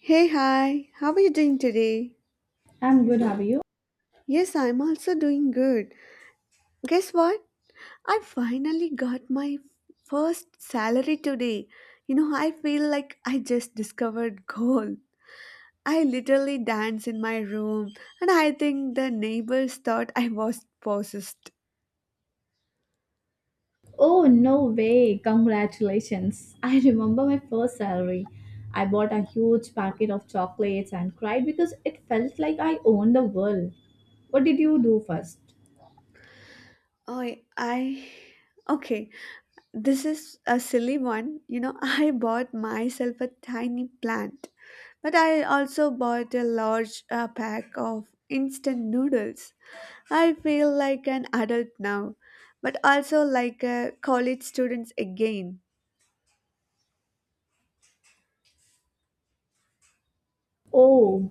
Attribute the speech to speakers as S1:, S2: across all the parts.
S1: Hey, hi, how are you doing today?
S2: I'm good, how are you?
S1: Yes, I'm also doing good. Guess what? I finally got my first salary today. You know, I feel like I just discovered gold. I literally dance in my room, and I think the neighbors thought I was possessed.
S2: Oh, no way. Congratulations. I remember my first salary. I bought a huge packet of chocolates and cried because it felt like I owned the world. What did you do first?
S1: Oh, I. Okay. This is a silly one. You know, I bought myself a tiny plant, but I also bought a large pack of instant noodles. I feel like an adult now, but also like a college student again.
S2: Oh,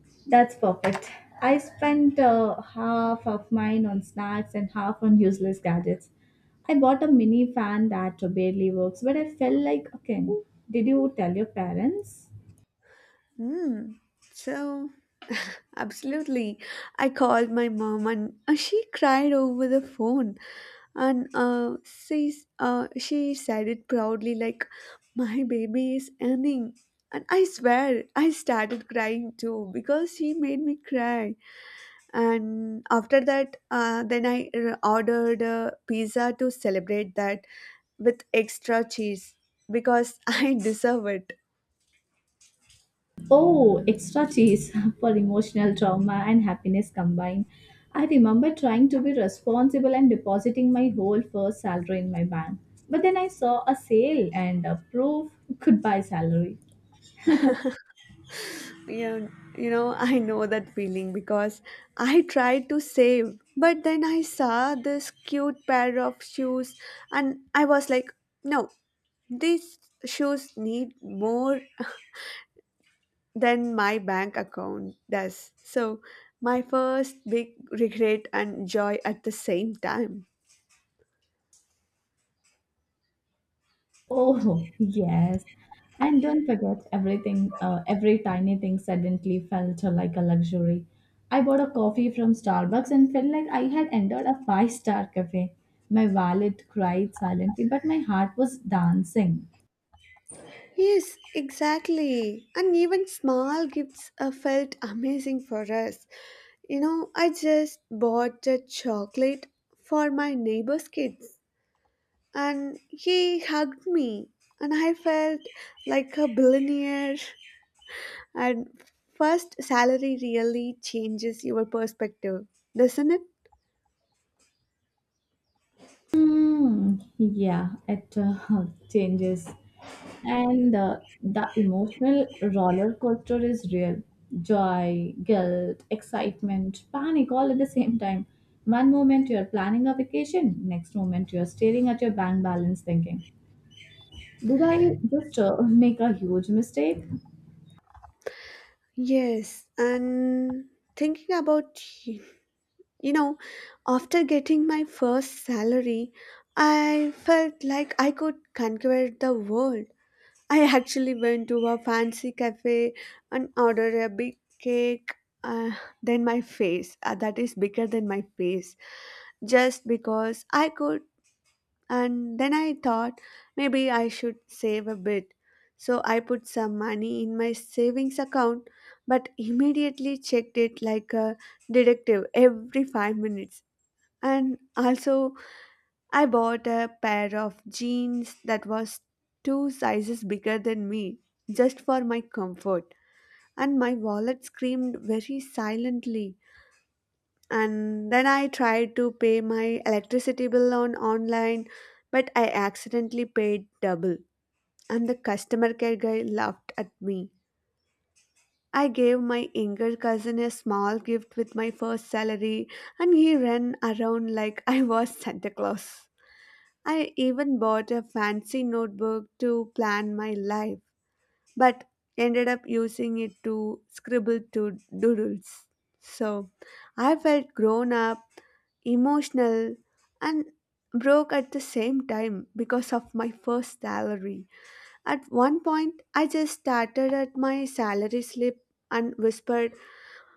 S2: that's perfect. I spent half of mine on snacks and half on useless gadgets. I bought a mini fan that barely works, but I felt like, okay, did you tell your parents?
S1: Hmm. So, absolutely. I called my mom and she cried over the phone. And she said it proudly, like, my baby is earning. And I swear, I started crying too because she made me cry. And after that, then I ordered a pizza to celebrate that with extra cheese because I deserve it.
S2: Oh, extra cheese for emotional trauma and happiness combined. I remember trying to be responsible and depositing my whole first salary in my bank. But then I saw a sale and a proof could buy salary.
S1: You know, I know that feeling because I tried to save, but then I saw this cute pair of shoes and I was like, no, these shoes need more than my bank account does. So my first big regret and joy at the same time.
S2: Oh, yes. And don't forget everything, every tiny thing suddenly felt like a luxury. I bought a coffee from Starbucks and felt like I had entered a five-star cafe. My wallet cried silently, but my heart was dancing.
S1: Yes, exactly. And even small gifts felt amazing for us. You know, I just bought a chocolate for my neighbor's kids, and he hugged me, and I felt like a billionaire. And first salary really changes your perspective, doesn't it?
S2: Mm, yeah, it changes. And the emotional roller coaster is real. Joy, guilt, excitement, panic all at the same time. One moment you're planning a vacation, next moment you're staring at your bank balance thinking, did I just make a huge mistake?
S1: Yes, and thinking about, you know, after getting my first salary, I felt like I could conquer the world. I actually went to a fancy cafe and ordered a big cake. Uh, than my face That is bigger than my face, just because I could. And then I thought maybe I should save a bit, so I put some money in my savings account, but immediately checked it like a detective every 5 minutes. And also, I bought a pair of jeans that was two sizes bigger than me, just for my comfort, and my wallet screamed very silently. And then I tried to pay my electricity bill on online, but I accidentally paid double, and the customer care guy laughed at me. I gave my younger cousin a small gift with my first salary, and he ran around like I was Santa Claus. I even bought a fancy notebook to plan my life, but ended up using it to scribble to doodles. So I felt grown up, emotional, and broke at the same time because of my first salary. At one point, I just started at my salary slip and whispered,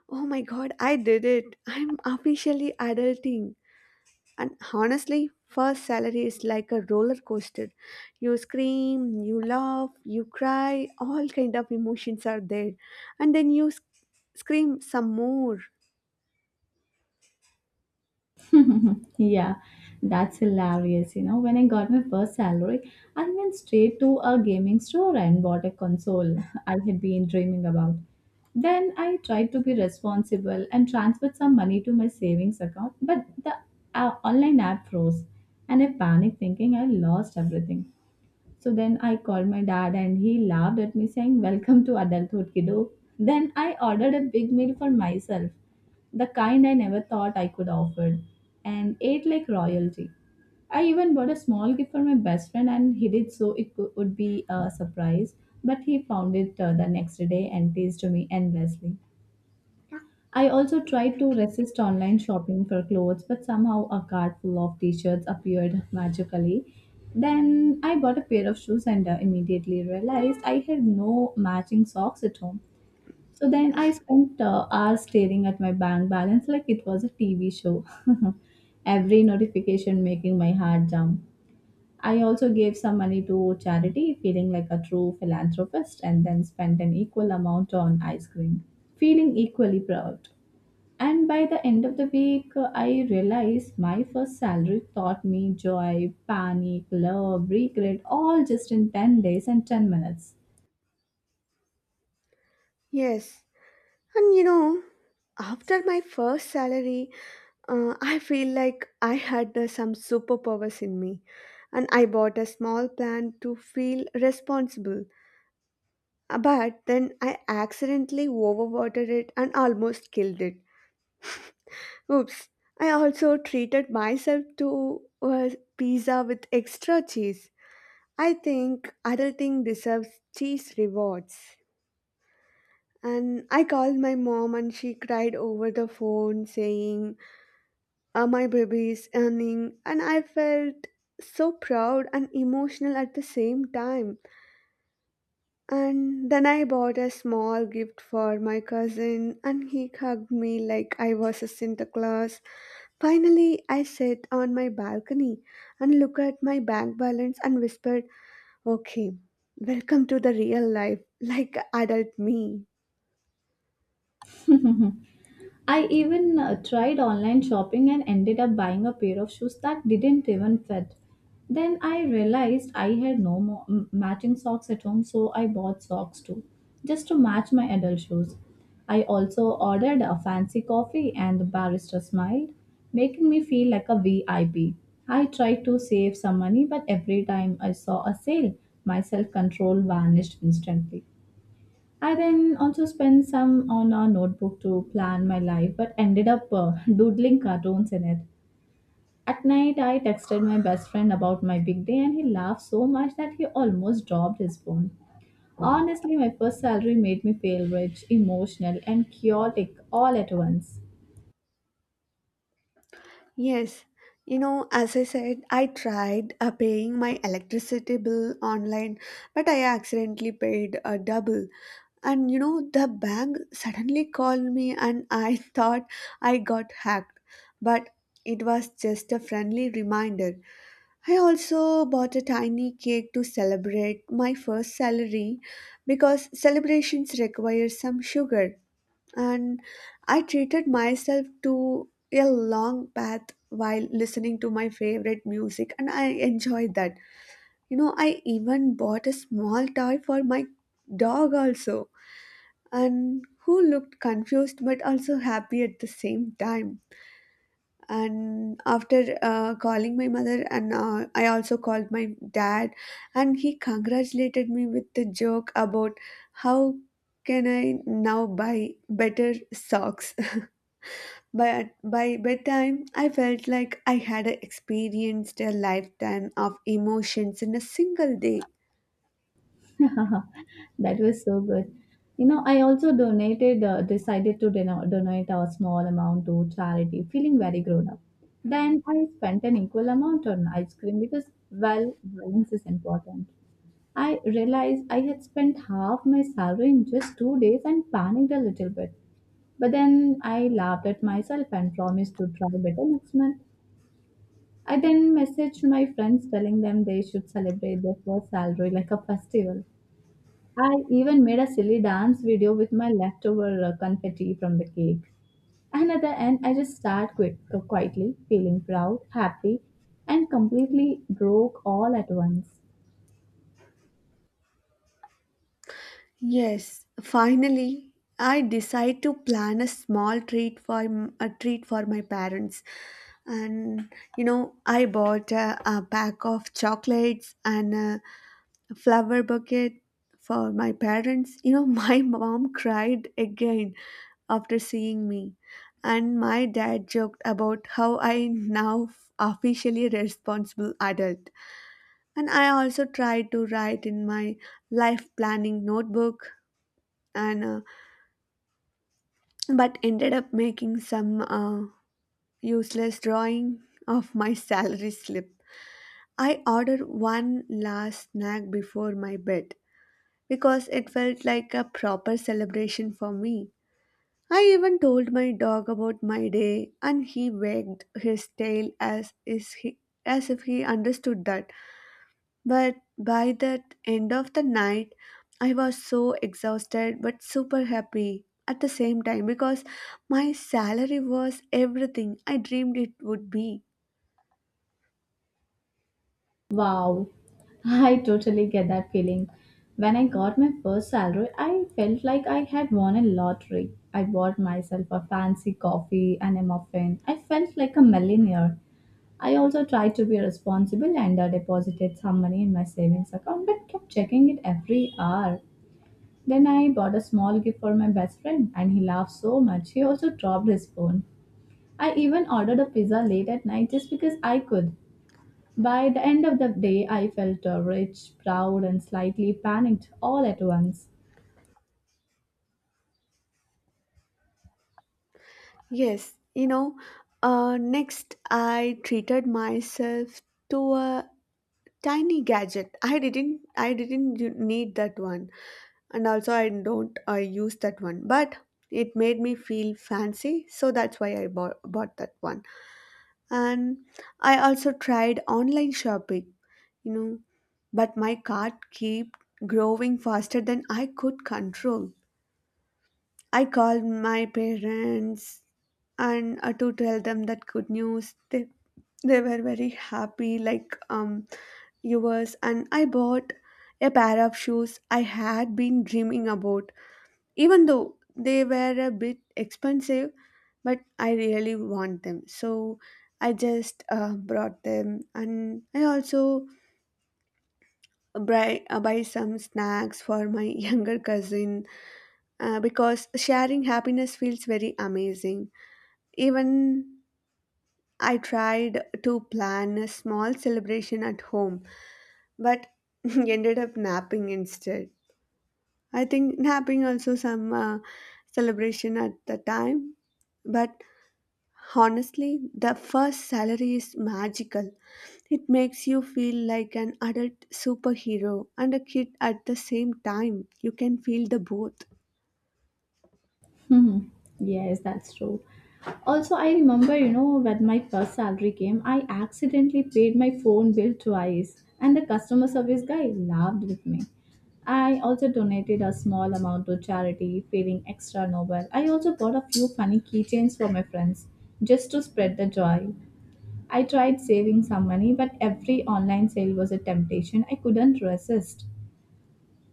S1: oh my god, I did it! I'm officially adulting. And honestly, first salary is like a roller coaster. You scream, you laugh, you cry, all kind of emotions are there. And then scream some more.
S2: Yeah, that's hilarious. You know, when I got my first salary, I went straight to a gaming store and bought a console I had been dreaming about. Then I tried to be responsible and transferred some money to my savings account, but the online app froze and I panicked thinking I lost everything. So then I called my dad and he laughed at me saying, "Welcome to adulthood, kiddo." Then I ordered a big meal for myself, the kind I never thought I could offer, and ate like royalty. I even bought a small gift for my best friend and he did so it would be a surprise, but he found it the next day and teased me endlessly. I also tried to resist online shopping for clothes, but somehow a cart full of t shirts appeared magically. Then I bought a pair of shoes and immediately realized I had no matching socks at home. So then I spent hours staring at my bank balance like it was a TV show. Every notification making my heart jump. I also gave some money to charity, feeling like a true philanthropist, and then spent an equal amount on ice cream, feeling equally proud. And by the end of the week, I realized my first salary taught me joy, panic, love, regret, all just in 10 days and 10 minutes.
S1: Yes. And you know, after my first salary, I feel like I had some superpowers in me. And I bought a small plant to feel responsible. But then I accidentally overwatered it and almost killed it. Oops, I also treated myself to a pizza with extra cheese. I think adulting deserves cheese rewards. And I called my mom and she cried over the phone saying, "Ah, my baby is earning." And I felt so proud and emotional at the same time. And then I bought a small gift for my cousin and he hugged me like I was a Santa Claus. Finally, I sat on my balcony and looked at my bank balance and whispered, okay, welcome to the real life, like adult me.
S2: I even tried online shopping and ended up buying a pair of shoes that didn't even fit. Then I realized I had no more matching socks at home, so I bought socks too, just to match my adult shoes. I also ordered a fancy coffee, and the barista smiled, making me feel like a VIP. I P. I tried to save some money, but every time I saw a sale, my self control vanished instantly. I then also spent some on a notebook to plan my life, but ended up doodling cartoons in it. At night, I texted my best friend about my big day, and he laughed so much that he almost dropped his phone. Honestly, my first salary made me feel rich, emotional, and chaotic all at once.
S1: Yes, you know, as I said, I tried paying my electricity bill online, but I accidentally paid a double. And you know, the bank suddenly called me and I thought I got hacked, but it was just a friendly reminder. I also bought a tiny cake to celebrate my first salary because celebrations require some sugar, and I treated myself to a long bath while listening to my favorite music, and I enjoyed that. You know, I even bought a small toy for my dog, also, and who looked confused but also happy at the same time. And after calling my mother and I also called my dad, and he congratulated me with the joke about how can I now buy better socks. But by bedtime I felt like I had experienced a lifetime of emotions in a single day.
S2: That was so good. You know, I also donated, decided to dono- donate a small amount to charity, feeling very grown up. Then I spent an equal amount on ice cream because, well, balance is important. I realized I had spent half my salary in just 2 days and panicked a little bit. But then I laughed at myself and promised to try better next month. I then messaged my friends telling them they should celebrate their first salary like a festival. I even made a silly dance video with my leftover confetti from the cake. And at the end, I just sat quietly, feeling proud, happy, and completely broke all at once.
S1: Yes, finally, I decide to plan a small treat for a treat for my parents. And you know, I bought a pack of chocolates and a flower bucket for my parents. You know, my mom cried again after seeing me, and my dad joked about how I now officially responsible adult. And I also tried to write in my life planning notebook, and but ended up making some useless drawing of my salary slip. I ordered one last snack before my bed because it felt like a proper celebration for me. I even told my dog about my day and he wagged his tail as if he understood that. But by the end of the night, I was so exhausted but super happy at the same time because my salary was everything I dreamed it would be.
S2: Wow, I totally get that feeling. When I got my first salary, I felt like I had won a lottery. I bought myself a fancy coffee and a muffin. I felt like a millionaire. I also tried to be responsible and deposited some money in my savings account but kept checking it every hour. Then I bought a small gift for my best friend and he laughed so much he also dropped his phone. I even ordered a pizza late at night just because I could. By the end of the day, I felt rich, proud, and slightly panicked all at once.
S1: Yes, you know, next I treated myself to a tiny gadget. I didn't need that one, and also I don't use that one. But it made me feel fancy, so that's why I bought that one. And I also tried online shopping, you know, but my cart kept growing faster than I could control. I called my parents and to tell them that good news. They were very happy like viewers. And I bought a pair of shoes I had been dreaming about, even though they were a bit expensive, but I really want them. So I just brought them. And I also buy some snacks for my younger cousin, because sharing happiness feels very amazing. Even I tried to plan a small celebration at home, but ended up napping instead. I think napping also some celebration at the time, but honestly, the first salary is magical. It makes you feel like an adult superhero and a kid at the same time. You can feel the both.
S2: Hmm. Yes, that's true. Also, I remember, you know, when my first salary came, I accidentally paid my phone bill twice, and the customer service guy laughed with me. I also donated a small amount to charity, feeling extra noble. I also bought a few funny keychains for my friends just to spread the joy. I tried saving some money, but every online sale was a temptation I couldn't resist.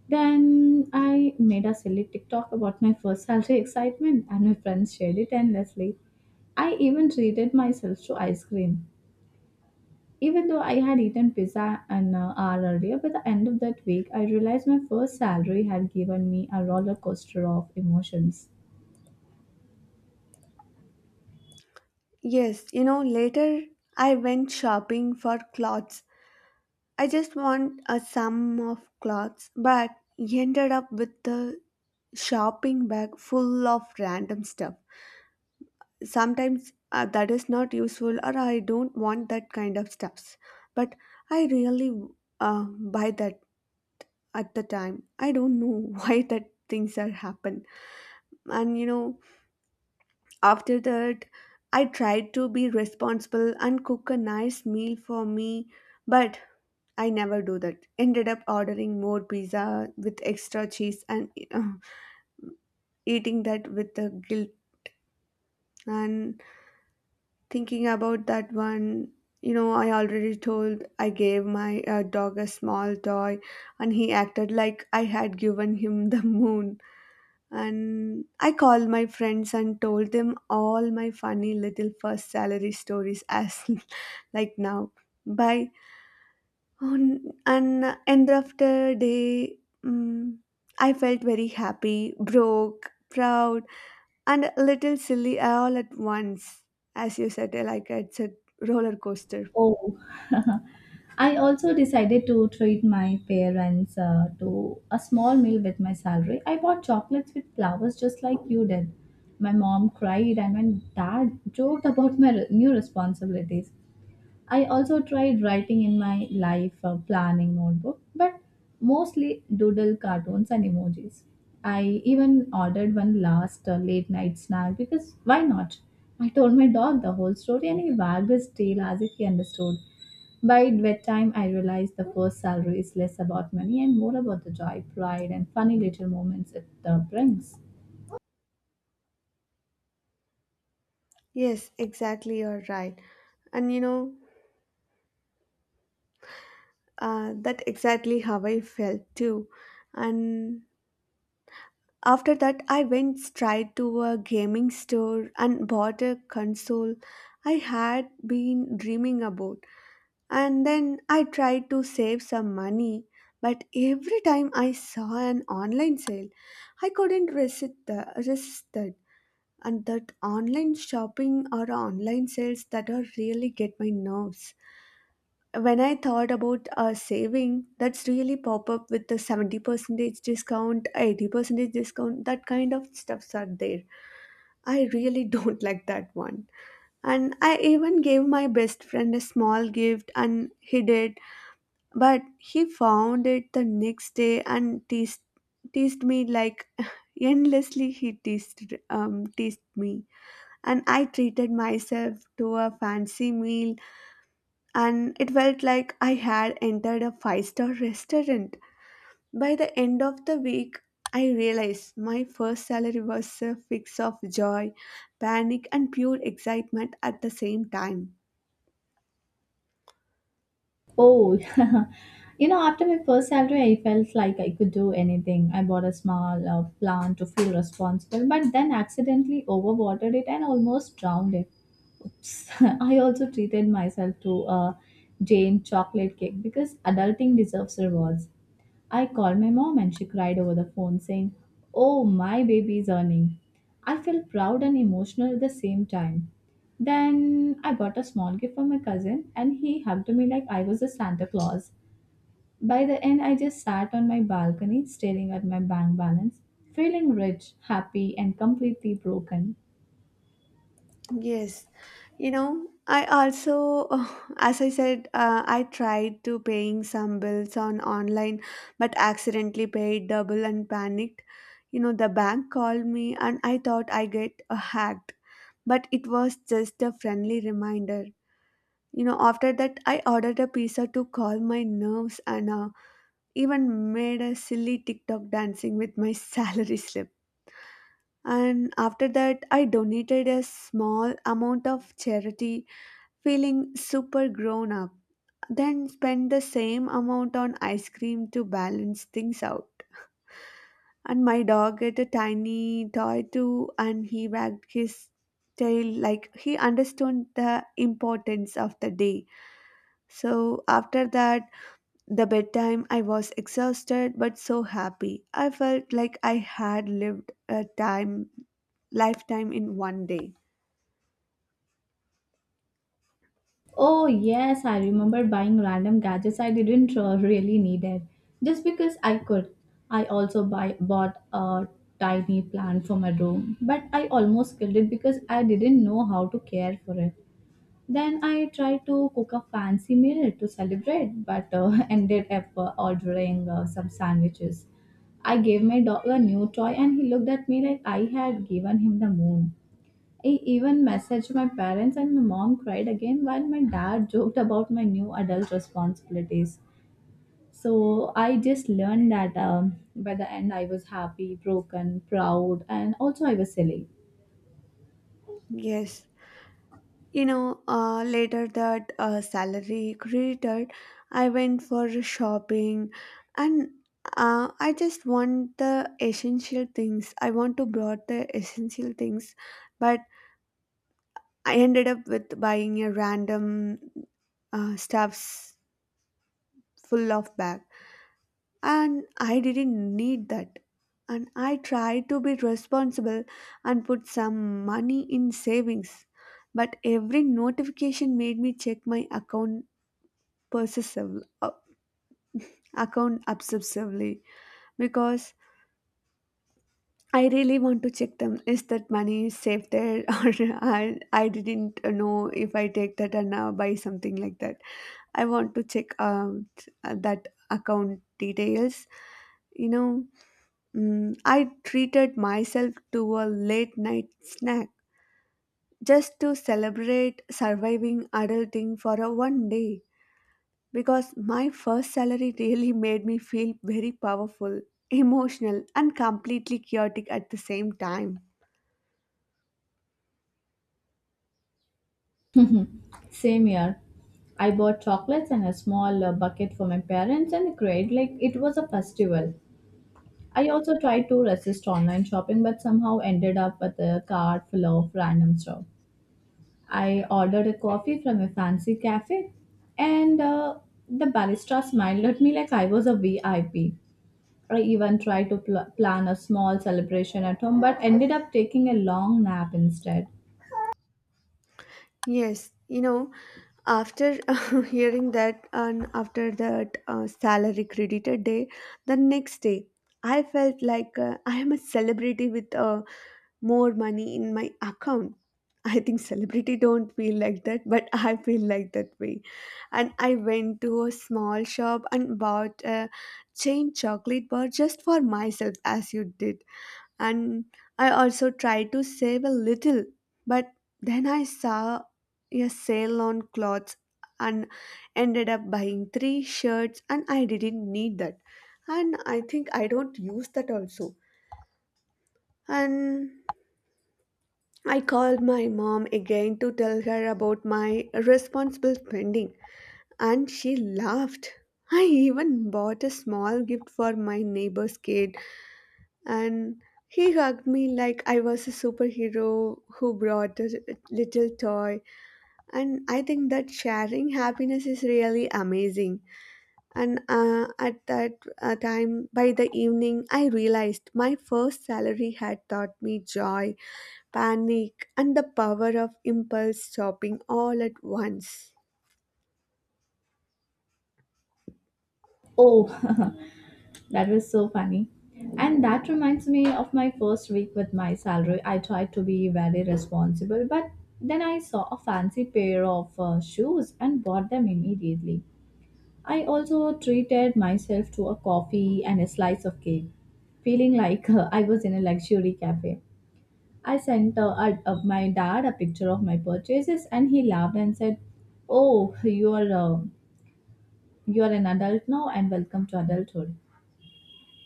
S2: Then I made a silly TikTok about my first salary excitement, and my friends shared it endlessly. I even treated myself to ice cream. Even though I had eaten pizza an hour earlier, by the end of that week, I realized my first salary had given me a roller coaster of emotions.
S1: Yes, you know, later I went shopping for clothes. I just want a sum of clothes, but ended up with a shopping bag full of random stuff. Sometimes that is not useful, or I don't want that kind of stuffs. But I really uh, buy that at the time. I don't know why that things are happen. And you know, after that, I tried to be responsible and cook a nice meal for me, but I never do that. Ended up ordering more pizza with extra cheese and eating that with the guilt. And thinking about that one, you know, I already told I gave my dog a small toy, and he acted like I had given him the moon. And I called my friends and told them all my funny little first salary stories as like now. By On, and End of the day, mm, I felt very happy, broke, proud, and a little silly all at once. As you said, like it's a roller coaster.
S2: Oh, I also decided to treat my parents to a small meal with my salary. I bought chocolates with flowers just like you did. My mom cried, and my dad joked about my new responsibilities. I also tried writing in my life planning notebook, but mostly doodle cartoons and emojis. I even ordered one last late night snack because why not? I told my dog the whole story and he wagged his tail as if he understood. By bedtime, I realized the first salary is less about money and more about the joy, pride, and funny little moments it brings.
S1: Yes, exactly, you're right. And you know, that exactly how I felt too. And after that, I went straight to a gaming store and bought a console I had been dreaming about. And then I tried to save some money, but every time I saw an online sale, I couldn't resist, the, resist it. And that online shopping or online sales that are really get my nerves. When I thought about saving, that's really pop up with the 70% discount, 80% discount, that kind of stuffs are there. I really don't like that one. And I even gave my best friend a small gift and hid it, but he found it the next day and teased me like endlessly. Teased me, and I treated myself to a fancy meal, and it felt like I had entered a five-star restaurant. By the end of the week, I realized my first salary was a fix of joy, panic, and pure excitement at the same time.
S2: Oh, you know, after my first salary, I felt like I could do anything. I bought a small plant to feel responsible, but then accidentally overwatered it and almost drowned it. Oops. I also treated myself to a Jane chocolate cake because adulting deserves rewards. I called my mom and she cried over the phone saying, "Oh, my baby is earning." I felt proud and emotional at the same time. Then I bought a small gift for my cousin and he hugged me like I was a Santa Claus. By the end, I just sat on my balcony staring at my bank balance, feeling rich, happy, and completely broken.
S1: Yes, you know, I also, as I said, I tried to paying some bills on online, but accidentally paid double and panicked. You know, the bank called me and I thought I get hacked, but it was just a friendly reminder. You know, after that, I ordered a pizza to calm my nerves and even made a silly TikTok dancing with my salary slip. And after that, I donated a small amount of charity feeling super grown up, then spend the same amount on ice cream to balance things out. And my dog ate a tiny toy too, and he wagged his tail like he understood the importance of the day. So after that, the bedtime, I was exhausted but so happy. I felt like I had lived a time lifetime in one day.
S2: Oh, yes, I remember buying random gadgets I didn't really need it just because I could. I also bought a tiny plant for my room, but I almost killed it because I didn't know how to care for it. Then I tried to cook a fancy meal to celebrate, but ended up ordering some sandwiches. I gave my dog a new toy, and he looked at me like I had given him the moon. I even messaged my parents, and my mom cried again while my dad joked about my new adult responsibilities. So I just learned that by the end, I was happy, broken, proud, and also I was silly.
S1: Yes. Later that salary credited, I went for shopping and I just want the essential things. I want to brought the essential things, but I ended up with buying a random stuffs full of bag and I didn't need that. And I tried to be responsible and put some money in savings, but every notification made me check my account possessive, uh, account obsessively because I really want to check them. Is that money safe there, or I didn't know if I take that and now buy something like that. I want to check out that account details. You know, I treated myself to a late night snack just to celebrate surviving adulting for a one day, because my first salary really made me feel very powerful, emotional, and completely chaotic at the same time.
S2: Same year, I bought chocolates and a small bucket for my parents and cried like it was a festival. I also tried to resist online shopping but somehow ended up with a cart full of random stuff. I ordered a coffee from a fancy cafe, and the barista smiled at me like I was a VIP. I P. I even tried to plan a small celebration at home, but ended up taking a long nap instead.
S1: Yes, you know, after hearing that and after that salary credited day, the next day I felt like I am a celebrity with more money in my account. I think celebrity don't feel like that, but I feel like that way. And I went to a small shop and bought a chain chocolate bar just for myself as you did. And I also tried to save a little, but then I saw a sale on clothes and ended up buying three shirts, and I didn't need that. And I think I don't use that also. And I called my mom again to tell her about my responsible spending, and she laughed. I even bought a small gift for my neighbor's kid, and he hugged me like I was a superhero who brought a little toy. And I think that sharing happiness is really amazing. And at that time, by the evening, I realized my first salary had taught me joy, panic, and the power of impulse shopping all at once.
S2: Oh, that was so funny. And that reminds me of my first week with my salary. I tried to be very responsible, but then I saw a fancy pair of shoes and bought them immediately. I also treated myself to a coffee and a slice of cake, feeling like I was in a luxury cafe. I sent my dad a picture of my purchases, and he laughed and said, "Oh, you are an adult now, and welcome to adulthood."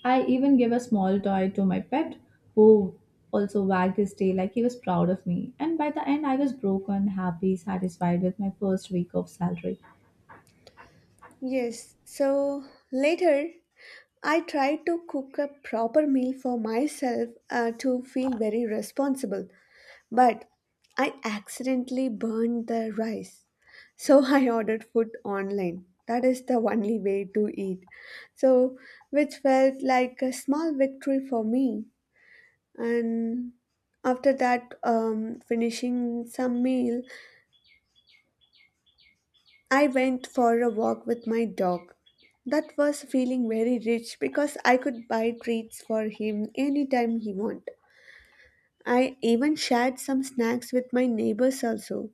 S2: I even gave a small toy to my pet, who also wagged his tail like he was proud of me. And by the end, I was broken, happy, satisfied with my first week of salary.
S1: Yes, so later I tried to cook a proper meal for myself to feel very responsible, but I accidentally burned the rice. So I ordered food online. That is the only way to eat. So, which felt like a small victory for me. And after that, finishing some meal, I went for a walk with my dog. That was feeling very rich because I could buy treats for him anytime he wanted. I even shared some snacks with my neighbors also,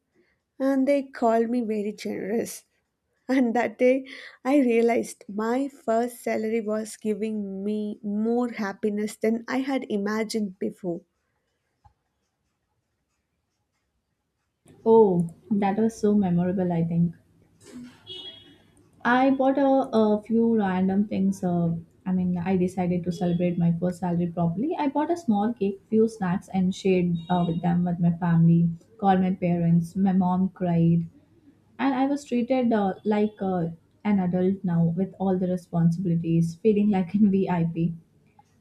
S1: and they called me very generous. And that day, I realized my first salary was giving me more happiness than I had imagined before.
S2: Oh, that was so memorable, I think. I bought a few random things. I mean, I decided to celebrate my first salary properly. I bought a small cake, few snacks, and shared with them with my family. Called my parents. My mom cried, and I was treated like an adult now with all the responsibilities, feeling like an VIP. I P.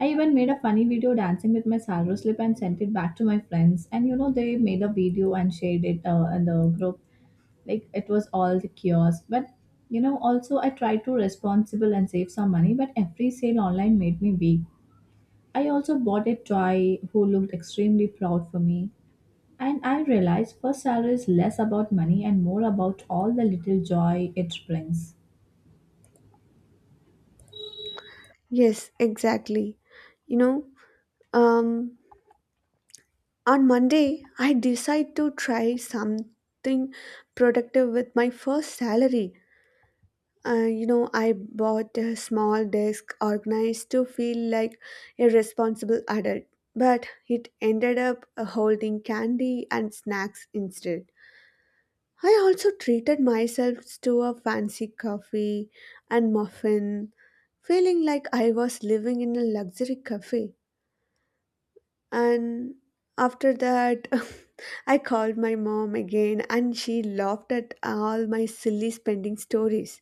S2: I even made a funny video dancing with my salary slip and sent it back to my friends. And you know, they made a video and shared it in the group like it was all the kiosk. But you know, also I tried to responsible and save some money, but every sale online made me weak. I also bought a toy who looked extremely proud for me, and I realized first salary is less about money and more about all the little joy it brings.
S1: Yes, exactly. You know, um, On Monday, I decide to try something productive with my first salary. I bought a small desk organized to feel like a responsible adult, but it ended up holding candy and snacks instead. I also treated myself to a fancy coffee and muffin, feeling like I was living in a luxury cafe. And after that, I called my mom again and she laughed at all my silly spending stories.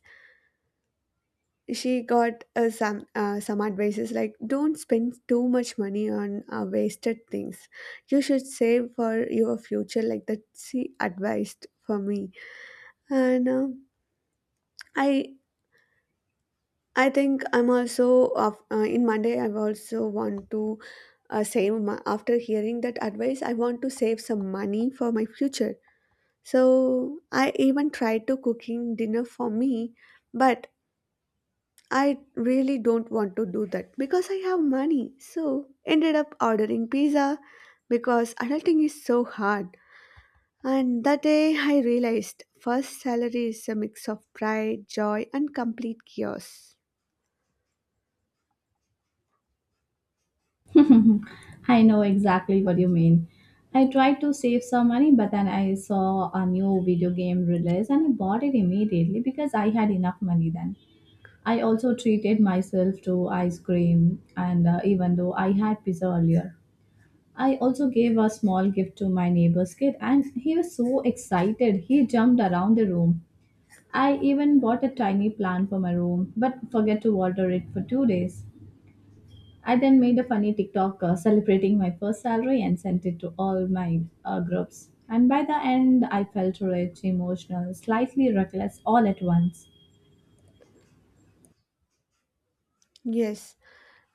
S1: She got some advices like don't spend too much money on wasted things. You should save for your future like that she advised for me. And I I think I'm also of in Monday I also want to save my, after hearing that advice I want to save some money for my future. So I even tried to cooking dinner for me, but I really don't want to do that because I have money. So ended up ordering pizza because adulting is so hard. And that day I realized first salary is a mix of pride, joy and complete chaos.
S2: I know exactly what you mean. I tried to save some money, but then I saw a new video game release and I bought it immediately because I had enough money then. I also treated myself to ice cream, and even though I had pizza earlier, I also gave a small gift to my neighbor's kid, and he was so excited. He jumped around the room. I even bought a tiny plant for my room, but forget to water it for 2 days. I then made a funny TikTok celebrating my first salary and sent it to all my groups. And by the end, I felt rich, emotional, slightly reckless all at once.
S1: Yes,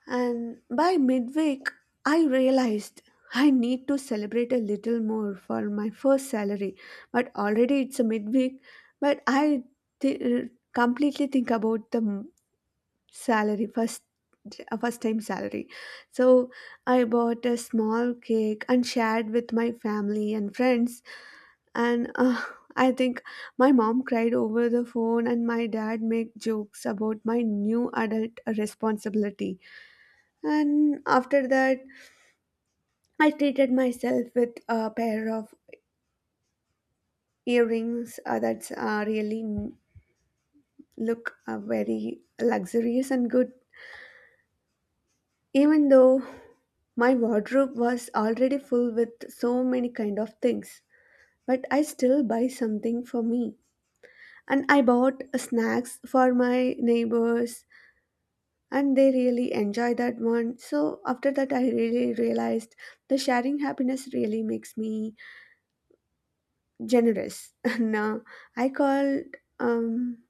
S1: and by midweek, I realized I need to celebrate a little more for my first salary. But already it's a midweek, but I completely think about the salary first. A first time salary. So I bought a small cake and shared with my family and friends. And I think my mom cried over the phone, and my dad made jokes about my new adult responsibility. And after that, I treated myself with a pair of earrings look very luxurious and good. Even though my wardrobe was already full with so many kind of things, but I still buy something for me. And I bought snacks for my neighbors, and they really enjoy that one. So after that, I really realized the sharing happiness really makes me generous. Now, I called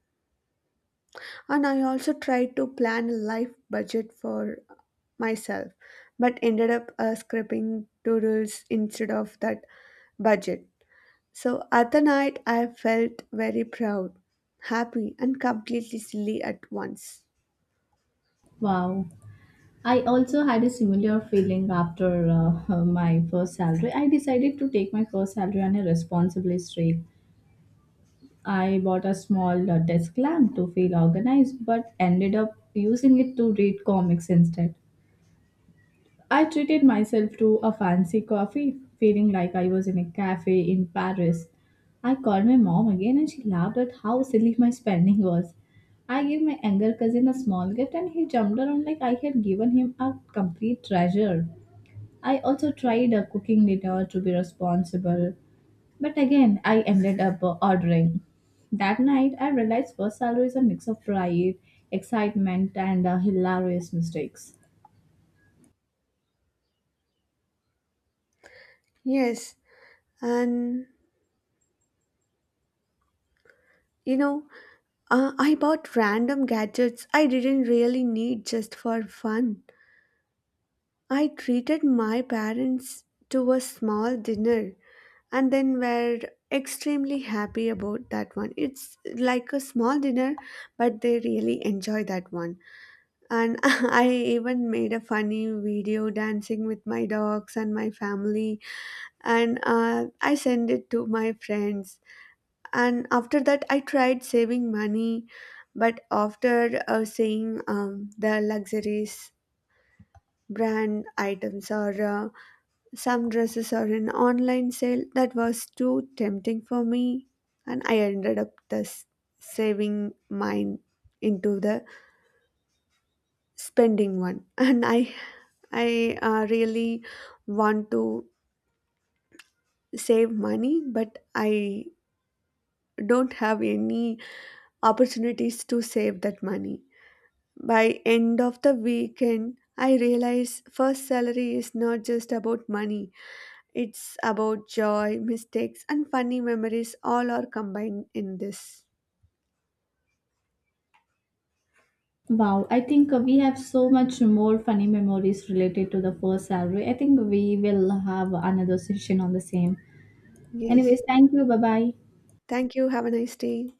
S1: and I also tried to plan a life budget for myself, but ended up scraping doodles instead of that budget. So at the night, I felt very proud, happy, and completely silly at once.
S2: Wow. I also had a similar feeling after my first salary. I decided to take my first salary on a responsible streak. I bought a small desk lamp to feel organized, but ended up using it to read comics instead. I treated myself to a fancy coffee, feeling like I was in a cafe in Paris. I called my mom again and she laughed at how silly my spending was. I gave my younger cousin a small gift and he jumped around like I had given him a complete treasure. I also tried cooking dinner to be responsible, but again, I ended up ordering. That night, I realized first salary is a mix of pride, excitement, and hilarious mistakes.
S1: Yes, and you know, I bought random gadgets I didn't really need just for fun. I treated my parents to a small dinner, and then we're extremely happy about that one. It's like a small dinner, but they really enjoy that one. And I even made a funny video dancing with my dogs and my family, and I sent it to my friends. And after that I tried saving money, but after seeing the luxuries brand items or some dresses are in online sale that was too tempting for me, and I ended up thus saving mine into the spending one. And I really want to save money, but I don't have any opportunities to save that money. By end of the weekend, I realize first salary is not just about money. It's about joy, mistakes, and funny memories, all are combined in this.
S2: Wow, I think we have so much more funny memories related to the first salary. I think we will have another session on the same. Anyways,
S1: Yes.
S2: thank you. Bye bye.
S1: Thank you. Have a nice day.